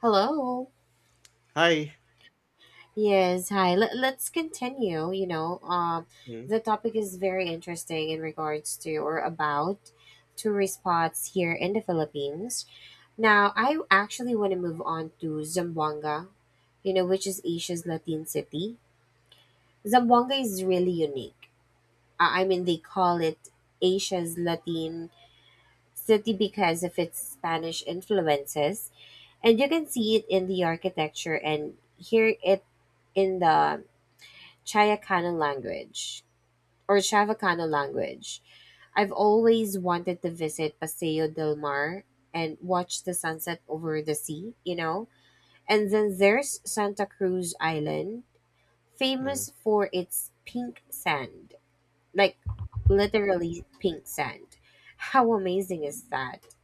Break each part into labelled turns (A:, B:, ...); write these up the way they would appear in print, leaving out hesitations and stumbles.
A: Hello.
B: Hi.
A: Yes, hi. Let's continue. You know, um,
B: Mm,
A: the topic is very interesting in regards to or about tourist spots here in the Philippines. Now, I actually want to move on to Zamboanga, which is Asia's Latin city. Zamboanga is really unique. I mean, they call it Asia's Latin city because of its Spanish influences, and you can see it in the architecture and hear it in the Chayacano language or Chavacano language. I've always wanted to visit Paseo del Mar and watch the sunset over the sea, you know? And then there's Santa Cruz Island,
B: mm,
A: famous for its pink sand. Like literally pink sand. How amazing is that?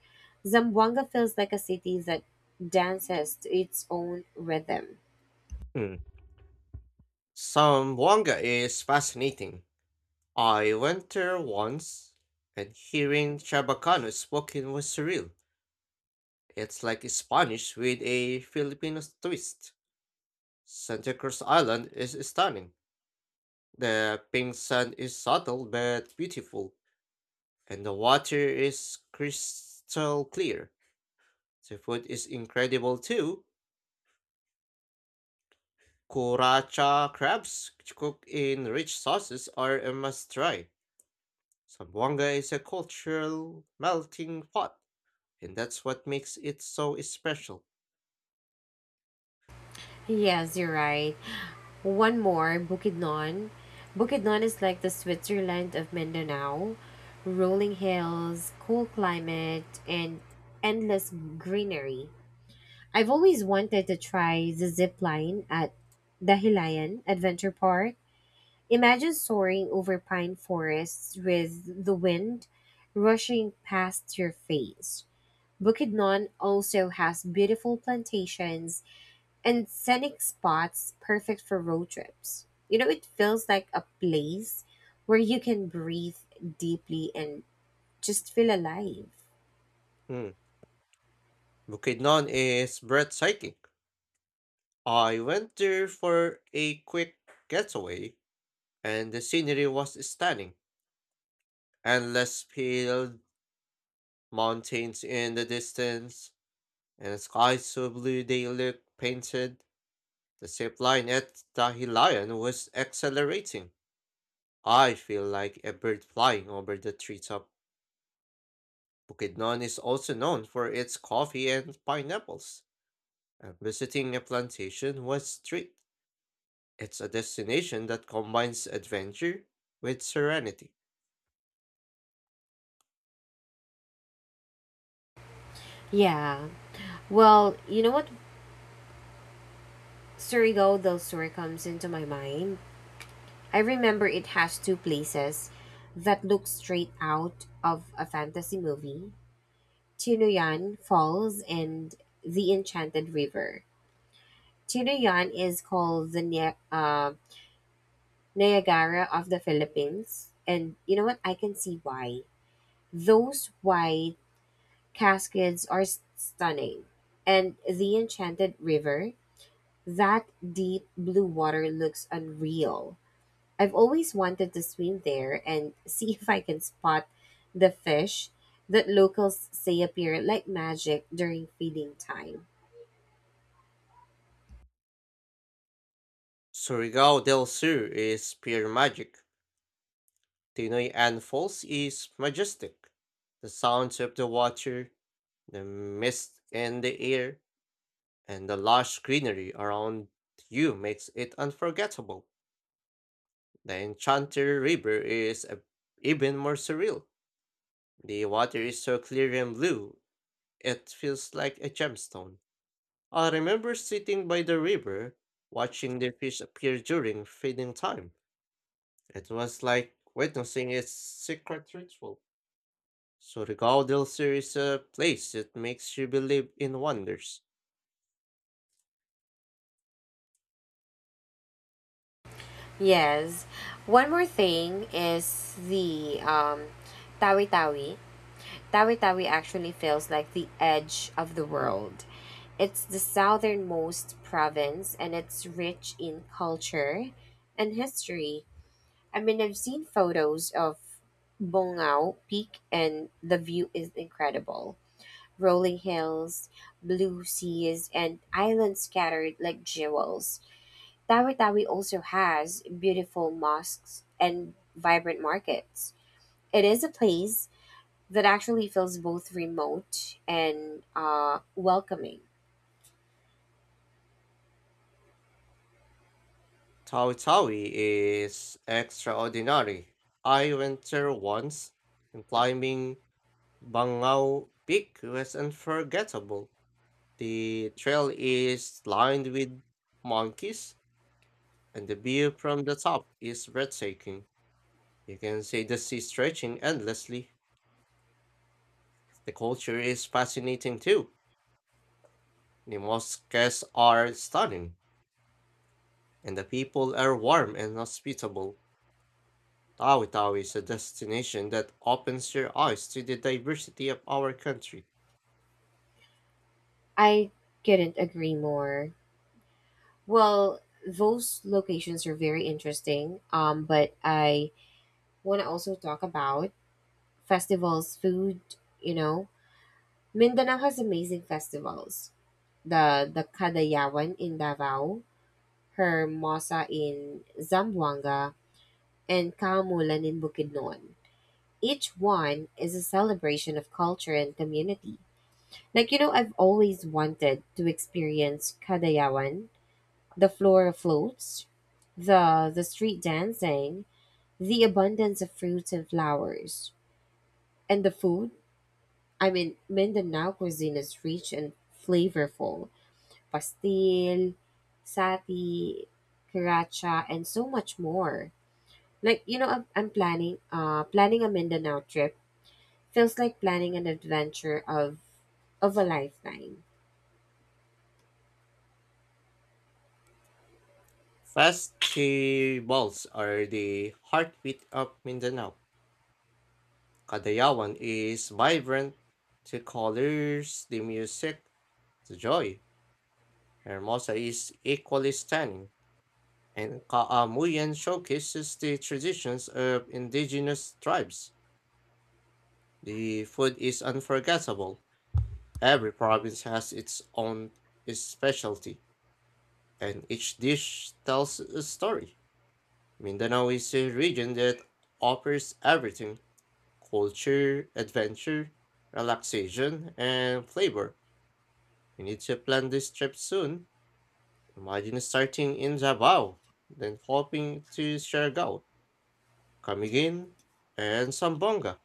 A: Zamboanga feels like a city that dances to its own rhythm.
B: mm. Zamboanga is fascinating. I went there once, and hearing Chabacano spoken was surreal. It's like Spanish with a Filipino twist. Santa Cruz Island is stunning. The pink sand is subtle but beautiful, and the water is crystal clear. The food is incredible too. Kuracha crabs cooked in rich sauces are a must try. Zamboanga is a cultural melting pot, and that's what makes it so special.
A: Yes, you're right. One more, Bukidnon. Bukidnon is like the Switzerland of Mindanao. Rolling hills, cool climate, and endless greenery. I've always wanted to try the zip line at Dahilayan Adventure Park. Imagine soaring over pine forests with the wind rushing past your face. Bukidnon also has beautiful plantations and scenic spots perfect for road trips. It feels like a place where you can breathe deeply and just feel alive.
B: Mm. Bukidnon is breathtaking. I went there for a quick getaway, and the scenery was stunning. Endless field, mountains in the distance, and skies so blue they look painted. The zip line at Dahilayan was exhilarating. I feel like a bird flying over the treetop. Bukidnon is also known for its coffee and pineapples, and visiting a plantation was a treat. It's a destination that combines adventure with serenity.
A: Yeah. Well, you know what? Surigao del Sur comes into my mind. I remember it has two places that look straight out of a fantasy movie: Chinuyan Falls and the Enchanted River. Chinoyan is called the Niagara of the Philippines. And you know what? I can see why. Those white cascades are stunning. And the Enchanted River, that deep blue water looks unreal. I've always wanted to swim there and see if I can spot the fish that locals say appear like magic during feeding time.
B: Surigao del Sur is pure magic. Tinoy Ann Falls is majestic. The sounds of the water, the mist in the air, and the lush greenery around you makes it unforgettable. The Enchanter River is even more surreal. The water is so clear and blue, it feels like a gemstone. I remember sitting by the river, watching the fish appear during feeding time. It was like witnessing its secret ritual. So the Gaudilsir is a place that makes you believe in wonders.
A: Yes. One more thing is the Tawi Tawi. Tawi Tawi actually feels like the edge of the world. It's the southernmost province and it's rich in culture and history. I mean, I've seen photos of Bongao Peak and the view is incredible. Rolling hills, blue seas, and islands scattered like jewels. Tawi Tawi also has beautiful mosques and vibrant markets. It is a place that actually feels both remote and welcoming.
B: Tawi Tawi is extraordinary. I went there once, and climbing Bangau Peak was unforgettable. The trail is lined with monkeys, and the view from the top is breathtaking. You can see the sea stretching endlessly. The culture is fascinating too. The mosques are stunning, and the people are warm and hospitable. Tawi Tawi is a destination that opens your eyes to the diversity of our country.
A: I couldn't agree more. Well, those locations are very interesting, but I want to also talk about festivals, food, you know. Mindanao has amazing festivals. The Kadayawan in Davao, her Mosa in Zamboanga, and Kaumulan in Bukidnon. Each one is a celebration of culture and community. Like, I've always wanted to experience Kadayawan, the floral floats, the street dancing, the abundance of fruits and flowers, and the food. I mean, Mindanao cuisine is rich and flavorful. Pastil, sati, karacha, and so much more. Like, I'm planning a Mindanao trip. Feels like planning an adventure of a lifetime.
B: Festivals are the heartbeat of Mindanao. Kadayawan is vibrant, the colors, the music, the joy. Hermosa is equally stunning, and Kaamuyan showcases the traditions of indigenous tribes. The food is unforgettable. Every province has its own specialty, and each dish tells a story. Mindanao is a region that offers everything culture, adventure, relaxation, and flavor. We need to plan this trip soon. Imagine starting in Davao, then hopping to Siargao, Camiguin, and Sambonga.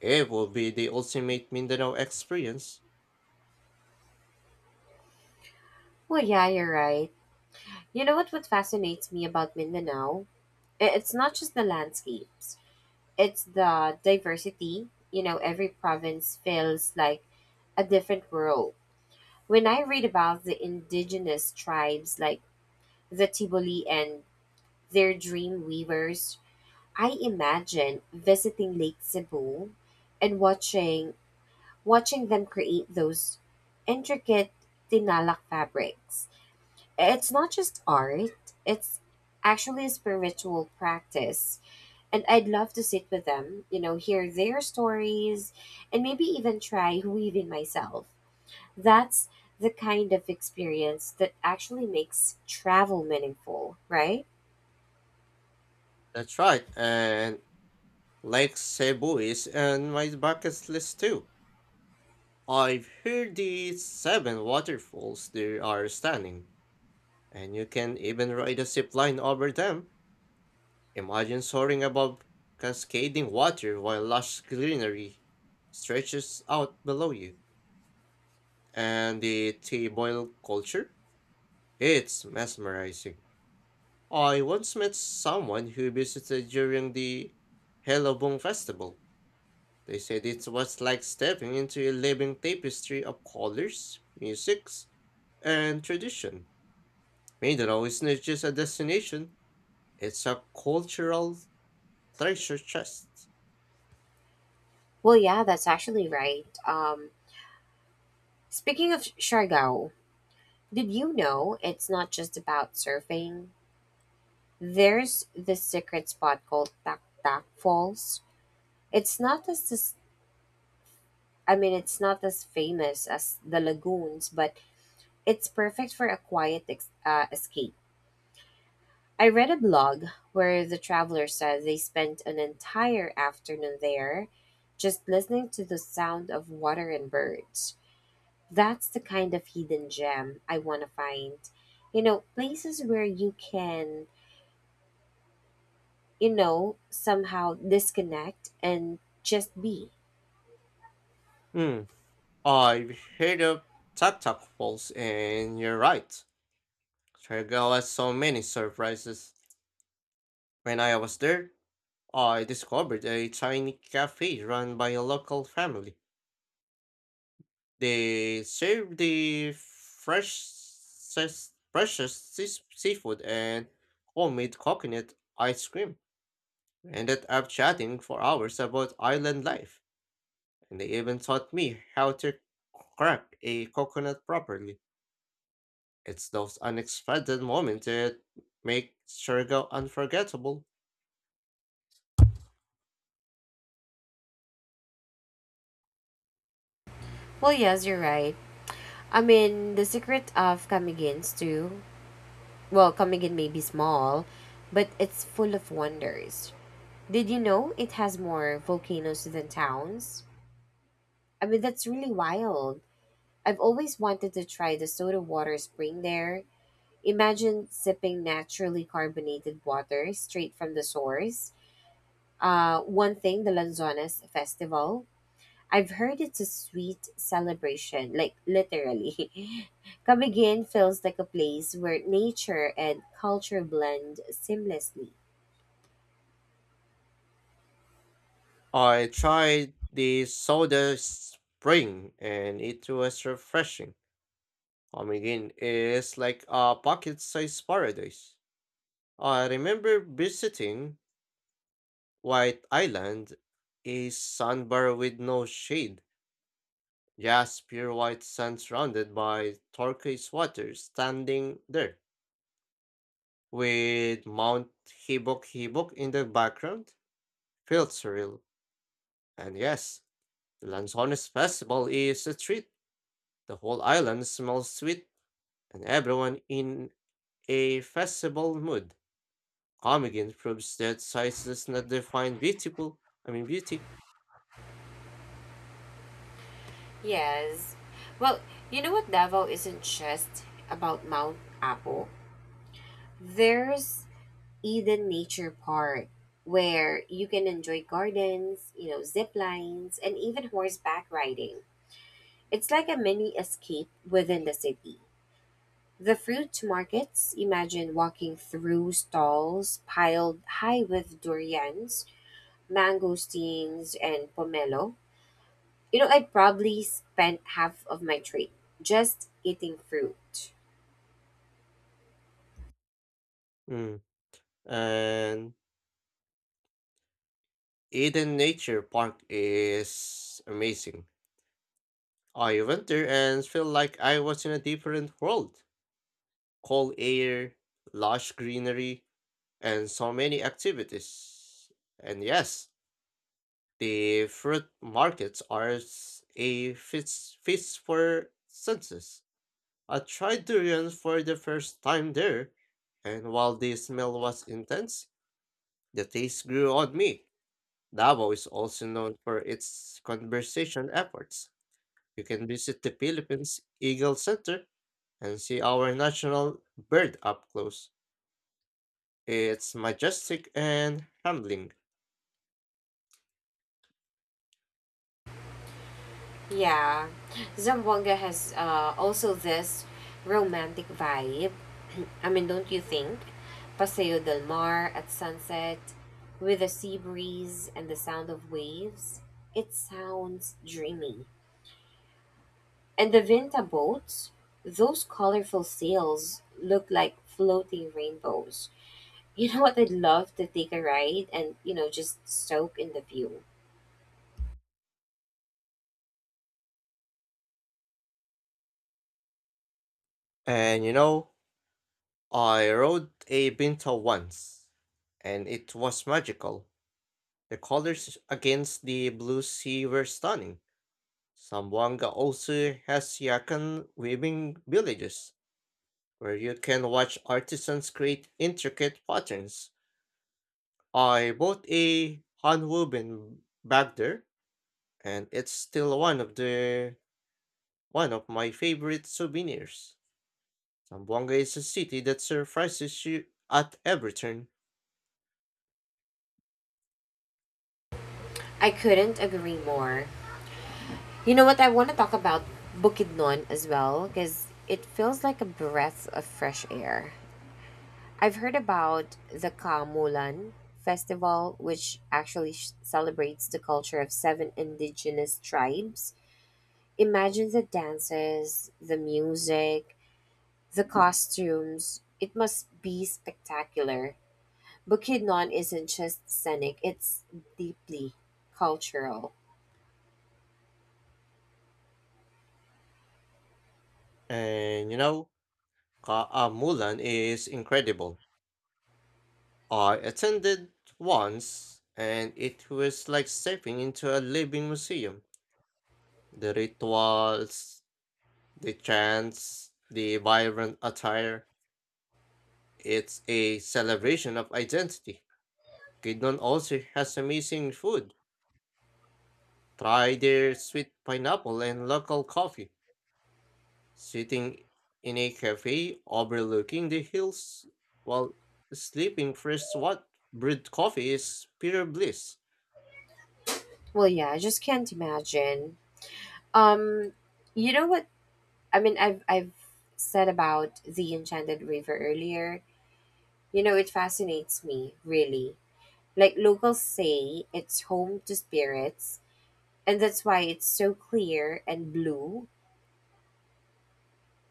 B: It will be the ultimate Mindanao experience.
A: Well, yeah, you're right. You know what fascinates me about Mindanao? It's not just the landscapes. It's the diversity. Every province feels like a different world. When I read about the indigenous tribes like the Tiboli and their dream weavers, I imagine visiting Lake Cebu and watching them create those intricate tinalak fabrics. It's not just art, it's actually a spiritual practice. And I'd love to sit with them, hear their stories, and maybe even try weaving myself. That's the kind of experience that actually makes travel meaningful, right?
B: That's right, and Lake Cebu is on my bucket list too. I've heard the seven waterfalls there are stunning, and you can even ride a zip line over them. Imagine soaring above cascading water while lush greenery stretches out below you. And the tea boil culture? It's mesmerizing. I once met someone who visited during the Helobong Festival. They said it was like stepping into a living tapestry of colors, musics, and tradition. Mindanao is not just a destination, it's a cultural treasure chest.
A: Well, yeah, that's actually right. Speaking of Siargao, did you know it's not just about surfing? There's this secret spot called Tak Tak Falls. It's not as I mean, it's not as famous as the lagoons, but it's perfect for a quiet escape. I read a blog where the traveler said they spent an entire afternoon there just listening to the sound of water and birds. That's the kind of hidden gem I want to find. Places where you can, somehow disconnect and just be.
B: Hmm. I've heard of Tatak Falls, and you're right. Trigger has so many surprises. When I was there, I discovered a tiny cafe run by a local family. They serve the freshest seafood and homemade coconut ice cream. We ended up chatting for hours about island life, and they even taught me how to crack a coconut properly. It's those unexpected moments that make Surigao unforgettable.
A: Well, yes, you're right. I mean, the secret of Kamigins too. Well, Kamigin may be small, but it's full of wonders. Did you know it has more volcanoes than towns? I mean, that's really wild. I've always wanted to try the soda water spring there. Imagine sipping naturally carbonated water straight from the source. One thing, the Lanzones Festival. I've heard it's a sweet celebration, like literally. Kabigin feels like a place where nature and culture blend seamlessly.
B: I tried the soda spring and it was refreshing. Omigin is like a pocket sized paradise. I remember visiting White Island, a sandbar with no shade, just pure white sand surrounded by turquoise water standing there, with Mount Hibok Hibok in the background. Felt surreal. And yes, the Lanzones Festival is a treat. The whole island smells sweet, and everyone in a festival mood. Comedian proves that size does not define beautiful. I mean beauty.
A: Yes. Well, you know what, Davao isn't just about Mount Apo. There's Eden Nature Park where you can enjoy gardens, zip lines, and even horseback riding. It's like a mini escape within the city. The fruit markets. Imagine walking through stalls piled high with durians, mangosteens, and pomelo. I probably spent half of my trip just eating fruit.
B: Mm. And Eden Nature Park is amazing. I went there and felt like I was in a different world. Cold air, lush greenery, and so many activities. And yes, the fruit markets are a feast for senses. I tried durian for the first time there, and while the smell was intense, the taste grew on me. Davao is also known for its conservation efforts. You can visit the Philippines Eagle Center and see our national bird up close. It's majestic and humbling.
A: Yeah, Zamboanga has also this romantic vibe. I mean, don't you think? Paseo del Mar at sunset, with the sea breeze and the sound of waves. It sounds dreamy. And the Vinta boats, those colorful sails look like floating rainbows. You know what? I'd love to take a ride and, just soak in the view.
B: And you know, I rode a Pinto once, and it was magical. The colors against the blue sea were stunning. Sambuanga also has Yakan weaving villages, where you can watch artisans create intricate patterns. I bought a handwoven bag there, and it's still one of my favorite souvenirs. Sambuanga is a city that surprises you at every turn,
A: I couldn't agree more. You know what? I want to talk about Bukidnon as well because it feels like a breath of fresh air. I've heard about the Kamulan festival, which actually celebrates the culture of seven indigenous tribes. Imagine the dances, the music, the costumes, it must be spectacular. Bukidnon isn't just scenic, it's deeply cultural.
B: and Mulan is incredible. I attended once and it was like stepping into a living museum. The rituals, the chants, the vibrant attire. It's a celebration of identity. Kidnon also has amazing food. Try their sweet pineapple and local coffee. Sitting in a cafe overlooking the hills while sleeping fresh what brewed coffee is pure bliss.
A: Well, yeah, I just can't imagine. Um, you know what? I mean, I've said about the Enchanted River earlier. It fascinates me, really. Like locals say it's home to spirits, and that's why it's so clear and blue.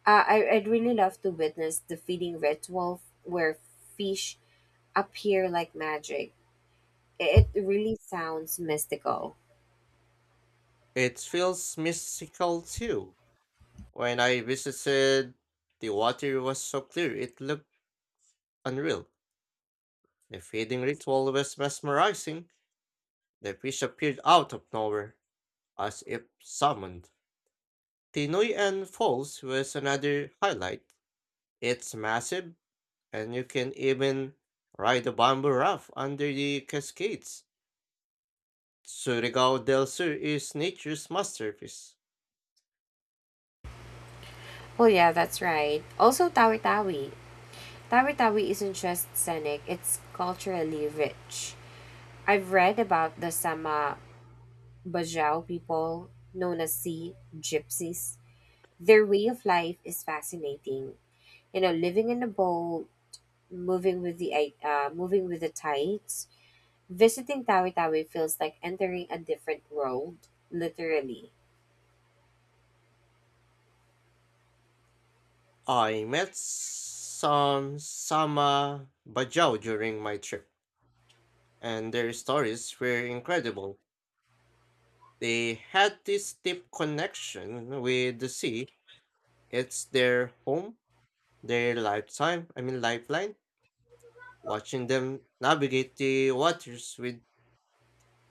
A: I'd really love to witness the feeding ritual where fish appear like magic. It really sounds mystical.
B: It feels mystical too. When I visited, the water was so clear it looked unreal. The feeding ritual was mesmerizing. The fish appeared out of nowhere, as if summoned. Pinoy and Falls was another highlight. It's massive, and you can even ride a bamboo raft under the cascades. Surigao del Sur is nature's masterpiece.
A: Well, yeah, that's right. Also, Tawi Tawi. Tawi Tawi isn't just scenic, it's culturally rich. I've read about the Sama Bajau people, known as sea gypsies. Their way of life is fascinating. Living in a boat, moving with the tides. Visiting Tawi Tawi feels like entering a different world, literally.
B: I met some Sama Bajau during my trip, and their stories were incredible. They had this deep connection with the sea. It's their home, their lifetime, I mean lifeline. Watching them navigate the waters with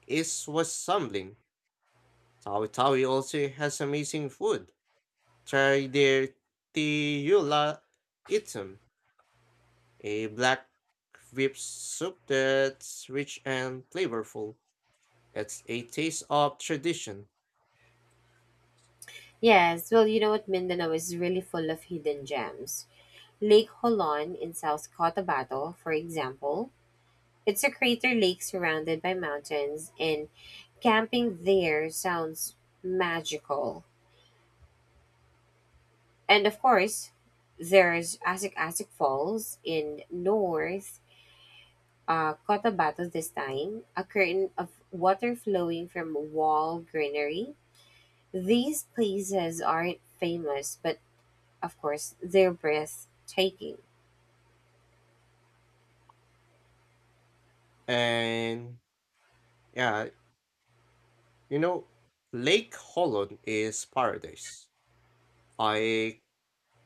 B: ease was humbling. Tawi Tawi also has amazing food. Try their Tiula Itum, a black whip soup that's rich and flavorful. It's a taste of tradition.
A: Yes, well, you know what? Mindanao is really full of hidden gems. Lake Holon in South Cotabato, for example. It's a crater lake surrounded by mountains, and camping there sounds magical. And of course, there's Asik Asik Falls in North Cotabato this time, a curtain of water flowing from wall greenery. These places aren't famous, but of course, they're breathtaking.
B: And yeah, you know, Lake Holland is paradise. I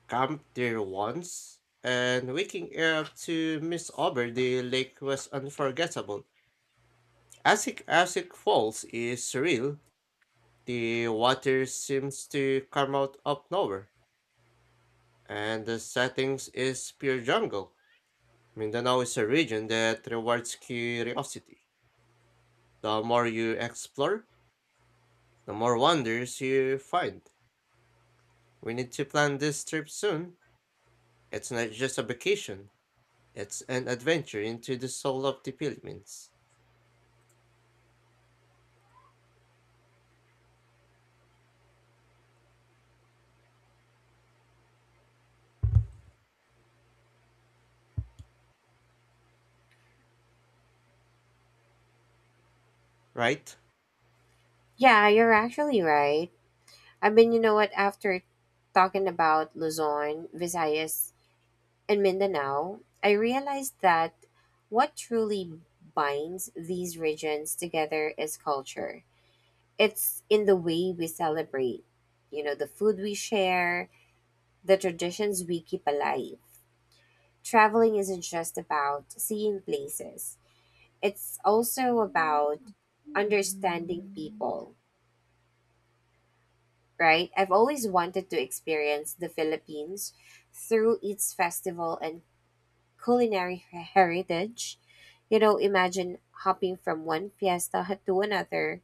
B: camped there once, and waking up to miss over the lake was unforgettable. Asik Asik Falls is surreal. The water seems to come out of nowhere, and the settings is pure jungle. Mindanao is a region that rewards curiosity. The more you explore, the more wonders you find. We need to plan this trip soon. It's not just a vacation, it's an adventure into the soul of the Philippines, right?
A: Yeah, you're actually right. I mean, you know what? After talking about Luzon, Visayas, and Mindanao, I realized that what truly binds these regions together is culture. It's in the way we celebrate, the food we share, the traditions we keep alive. Traveling isn't just about seeing places, it's also about understanding people, right? I've always wanted to experience the Philippines through its festival and culinary heritage. Imagine hopping from one fiesta to another,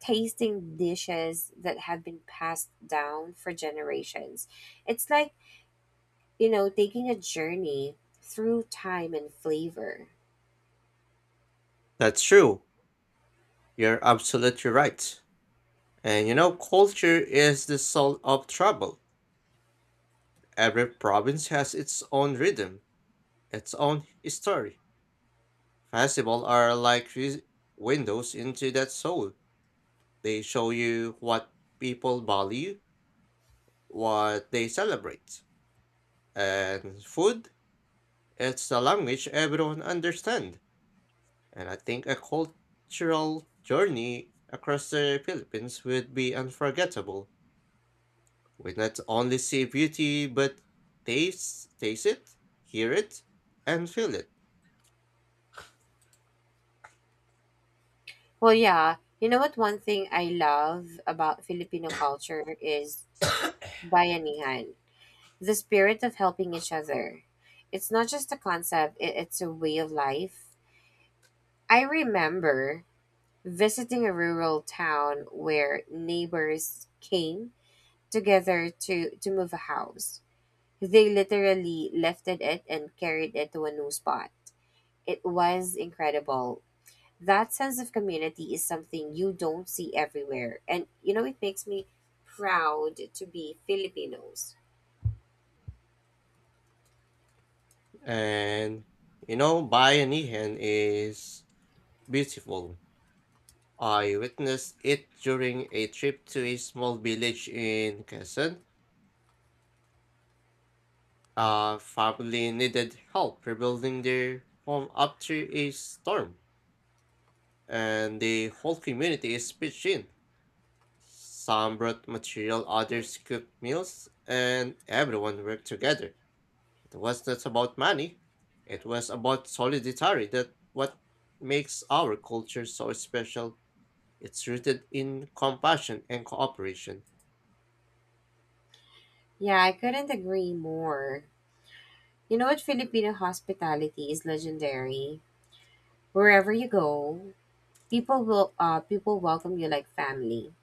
A: tasting dishes that have been passed down for generations. It's like, taking a journey through time and flavor.
B: That's true. You're absolutely right. And you know, culture is the soul of travel. Every province has its own rhythm, its own story. Festivals are like windows into that soul. They show you what people value, what they celebrate. And food, it's the language everyone understands. And I think a cultural journey across the Philippines would be unforgettable. We not only see beauty, but taste it, hear it, and feel it.
A: Well, yeah. You know what? One thing I love about Filipino culture is Bayanihan, the spirit of helping each other. It's not just a concept, it's a way of life. I remember visiting a rural town where neighbors came together to move a house. They literally lifted it and carried it to a new spot. It was incredible. That sense of community is something you don't see everywhere. And it makes me proud to be Filipinos.
B: And you know, Bayanihan is beautiful. I witnessed it during a trip to a small village in Quezon. A family needed help rebuilding their home after a storm, and the whole community is pitched in. Some brought material, others cooked meals, and everyone worked together. It was not about money, it was about solidarity that what makes our culture so special. It's rooted in compassion and cooperation.
A: Yeah, I couldn't agree more. You know what? Filipino hospitality is legendary. Wherever you go, people welcome you like family.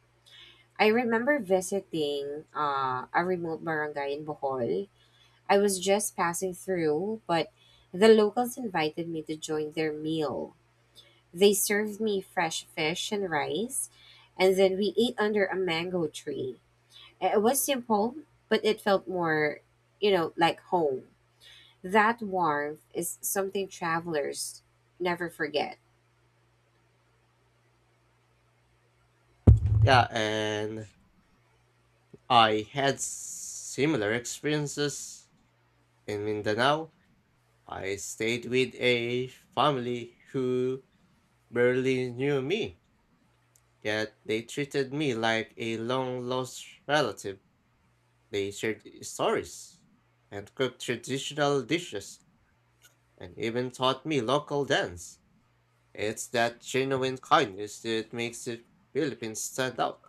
A: I remember visiting a remote barangay in Bohol. I was just passing through, but the locals invited me to join their meal. They served me fresh fish and rice, and then we ate under a mango tree. It was simple, but it felt more, like home. That warmth is something travelers never forget.
B: Yeah, and I had similar experiences in Mindanao. I stayed with a family who barely knew me, yet they treated me like a long lost relative. They shared stories and cooked traditional dishes and even taught me local dance. It's that genuine kindness that makes the Philippines stand out.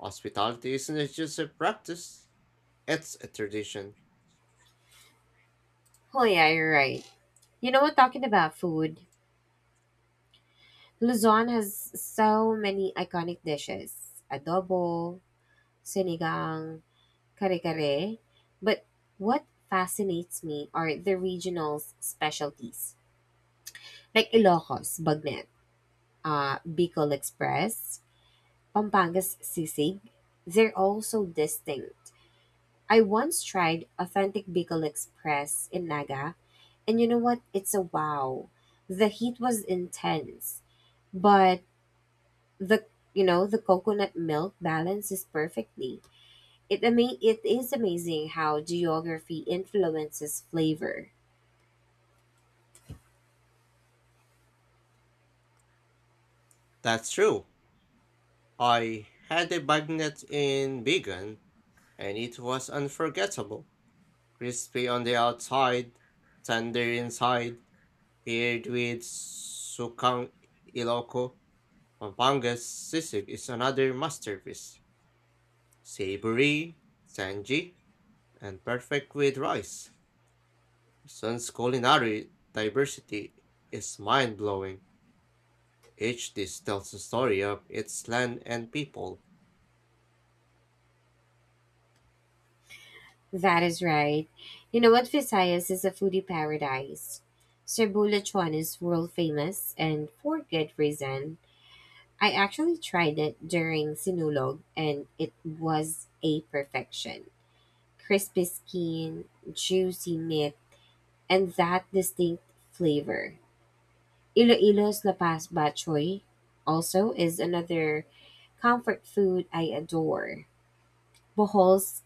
B: Hospitality isn't just a practice, it's a tradition.
A: Oh yeah, you're right. You know what? Talking about food, Luzon has so many iconic dishes: adobo, sinigang, kare kare. But what fascinates me are the regional specialties, like Ilocos bagnet, Bicol Express, Pampanga's sisig. They're all so distinct. I once tried authentic Bicol Express in Naga. And you know what? It's a wow. The heat was intense, but the you know the coconut milk balances perfectly. It is amazing how geography influences flavor.
B: That's true. I had a bagnet in Bigan, and it was unforgettable. Crispy on the outside, tender inside, paired with sukang Ilocco. Pampanga's sisig is another masterpiece. Savory, tangy, and perfect with rice. Sun's culinary diversity is mind blowing. Each dish tells a story of its land and people.
A: That is right. You know what? Visayas is a foodie paradise. Cerbulachuan is world famous and for good reason. I actually tried it during Sinulog and it was a perfection. Crispy skin, juicy meat, and that distinct flavor. Iloilo's lapas bachoy also is another comfort food I adore. Bohol's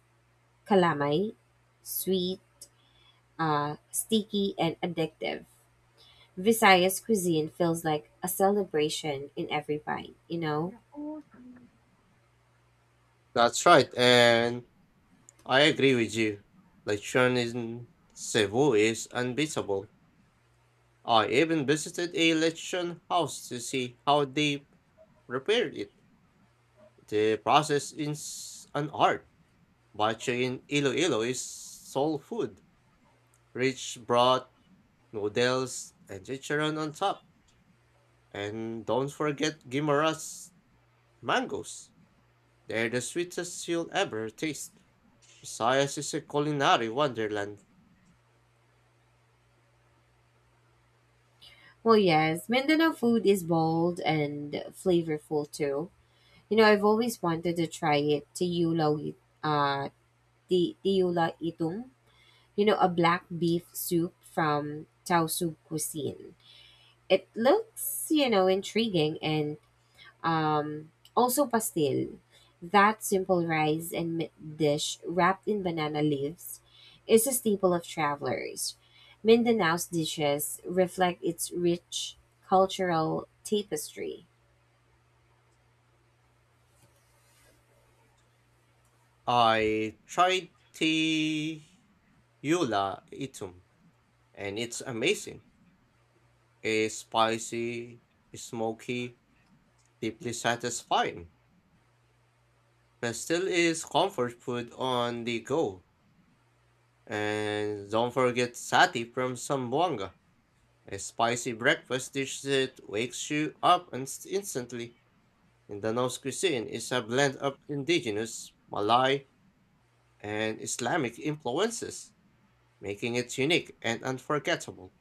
A: calamay, sweet, sticky, and addictive. Visayas cuisine feels like a celebration in every bite, you know?
B: That's right, and I agree with you. Lechon in Cebu is unbeatable. I even visited a lechon house to see how they prepared it. The process is an art. Bache in Iloilo is soul food, rich broth, noodles, and chicharon on top. And don't forget Guimara's mangoes. They're the sweetest you'll ever taste. Visayas is a culinary wonderland.
A: Well, yes, Mindanao food is bold and flavorful too. I've always wanted to try it, uh, tiyula itum, a black beef soup from Taosu cuisine. It looks, intriguing and also pastel. That simple rice and meat dish wrapped in banana leaves is a staple of travelers. Mindanao's dishes reflect its rich cultural tapestry.
B: I tried Tiyula Itum, and it's amazing. It's spicy, it's smoky, deeply satisfying. Pastel is comfort food on the go. And don't forget sati from Zamboanga, a spicy breakfast dish that wakes you up instantly. Indonesian cuisine is a blend of indigenous, Malay, and Islamic influences, making it unique and unforgettable.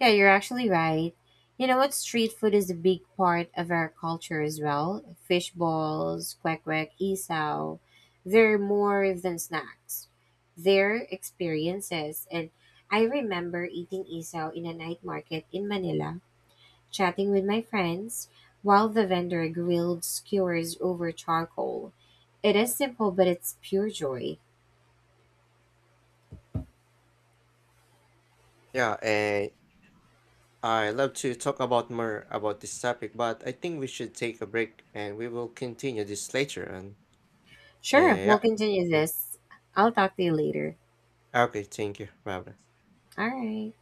A: Yeah, you're actually right. You know what? Street food is a big part of our culture as well. Fish balls, kwek kwek, isaw. They're more than snacks. They're experiences. And I remember eating isaw in a night market in Manila, chatting with my friends while the vendor grilled skewers over charcoal. It is simple, but it's pure joy.
B: Yeah, and I love to talk about more about this topic, but I think we should take a break and we will continue this later. And Uh,
A: Sure, we'll
B: yeah.
A: continue
B: Mm.
A: this. I'll talk to you later.
B: Okay, thank you. Bye bye.
A: All right.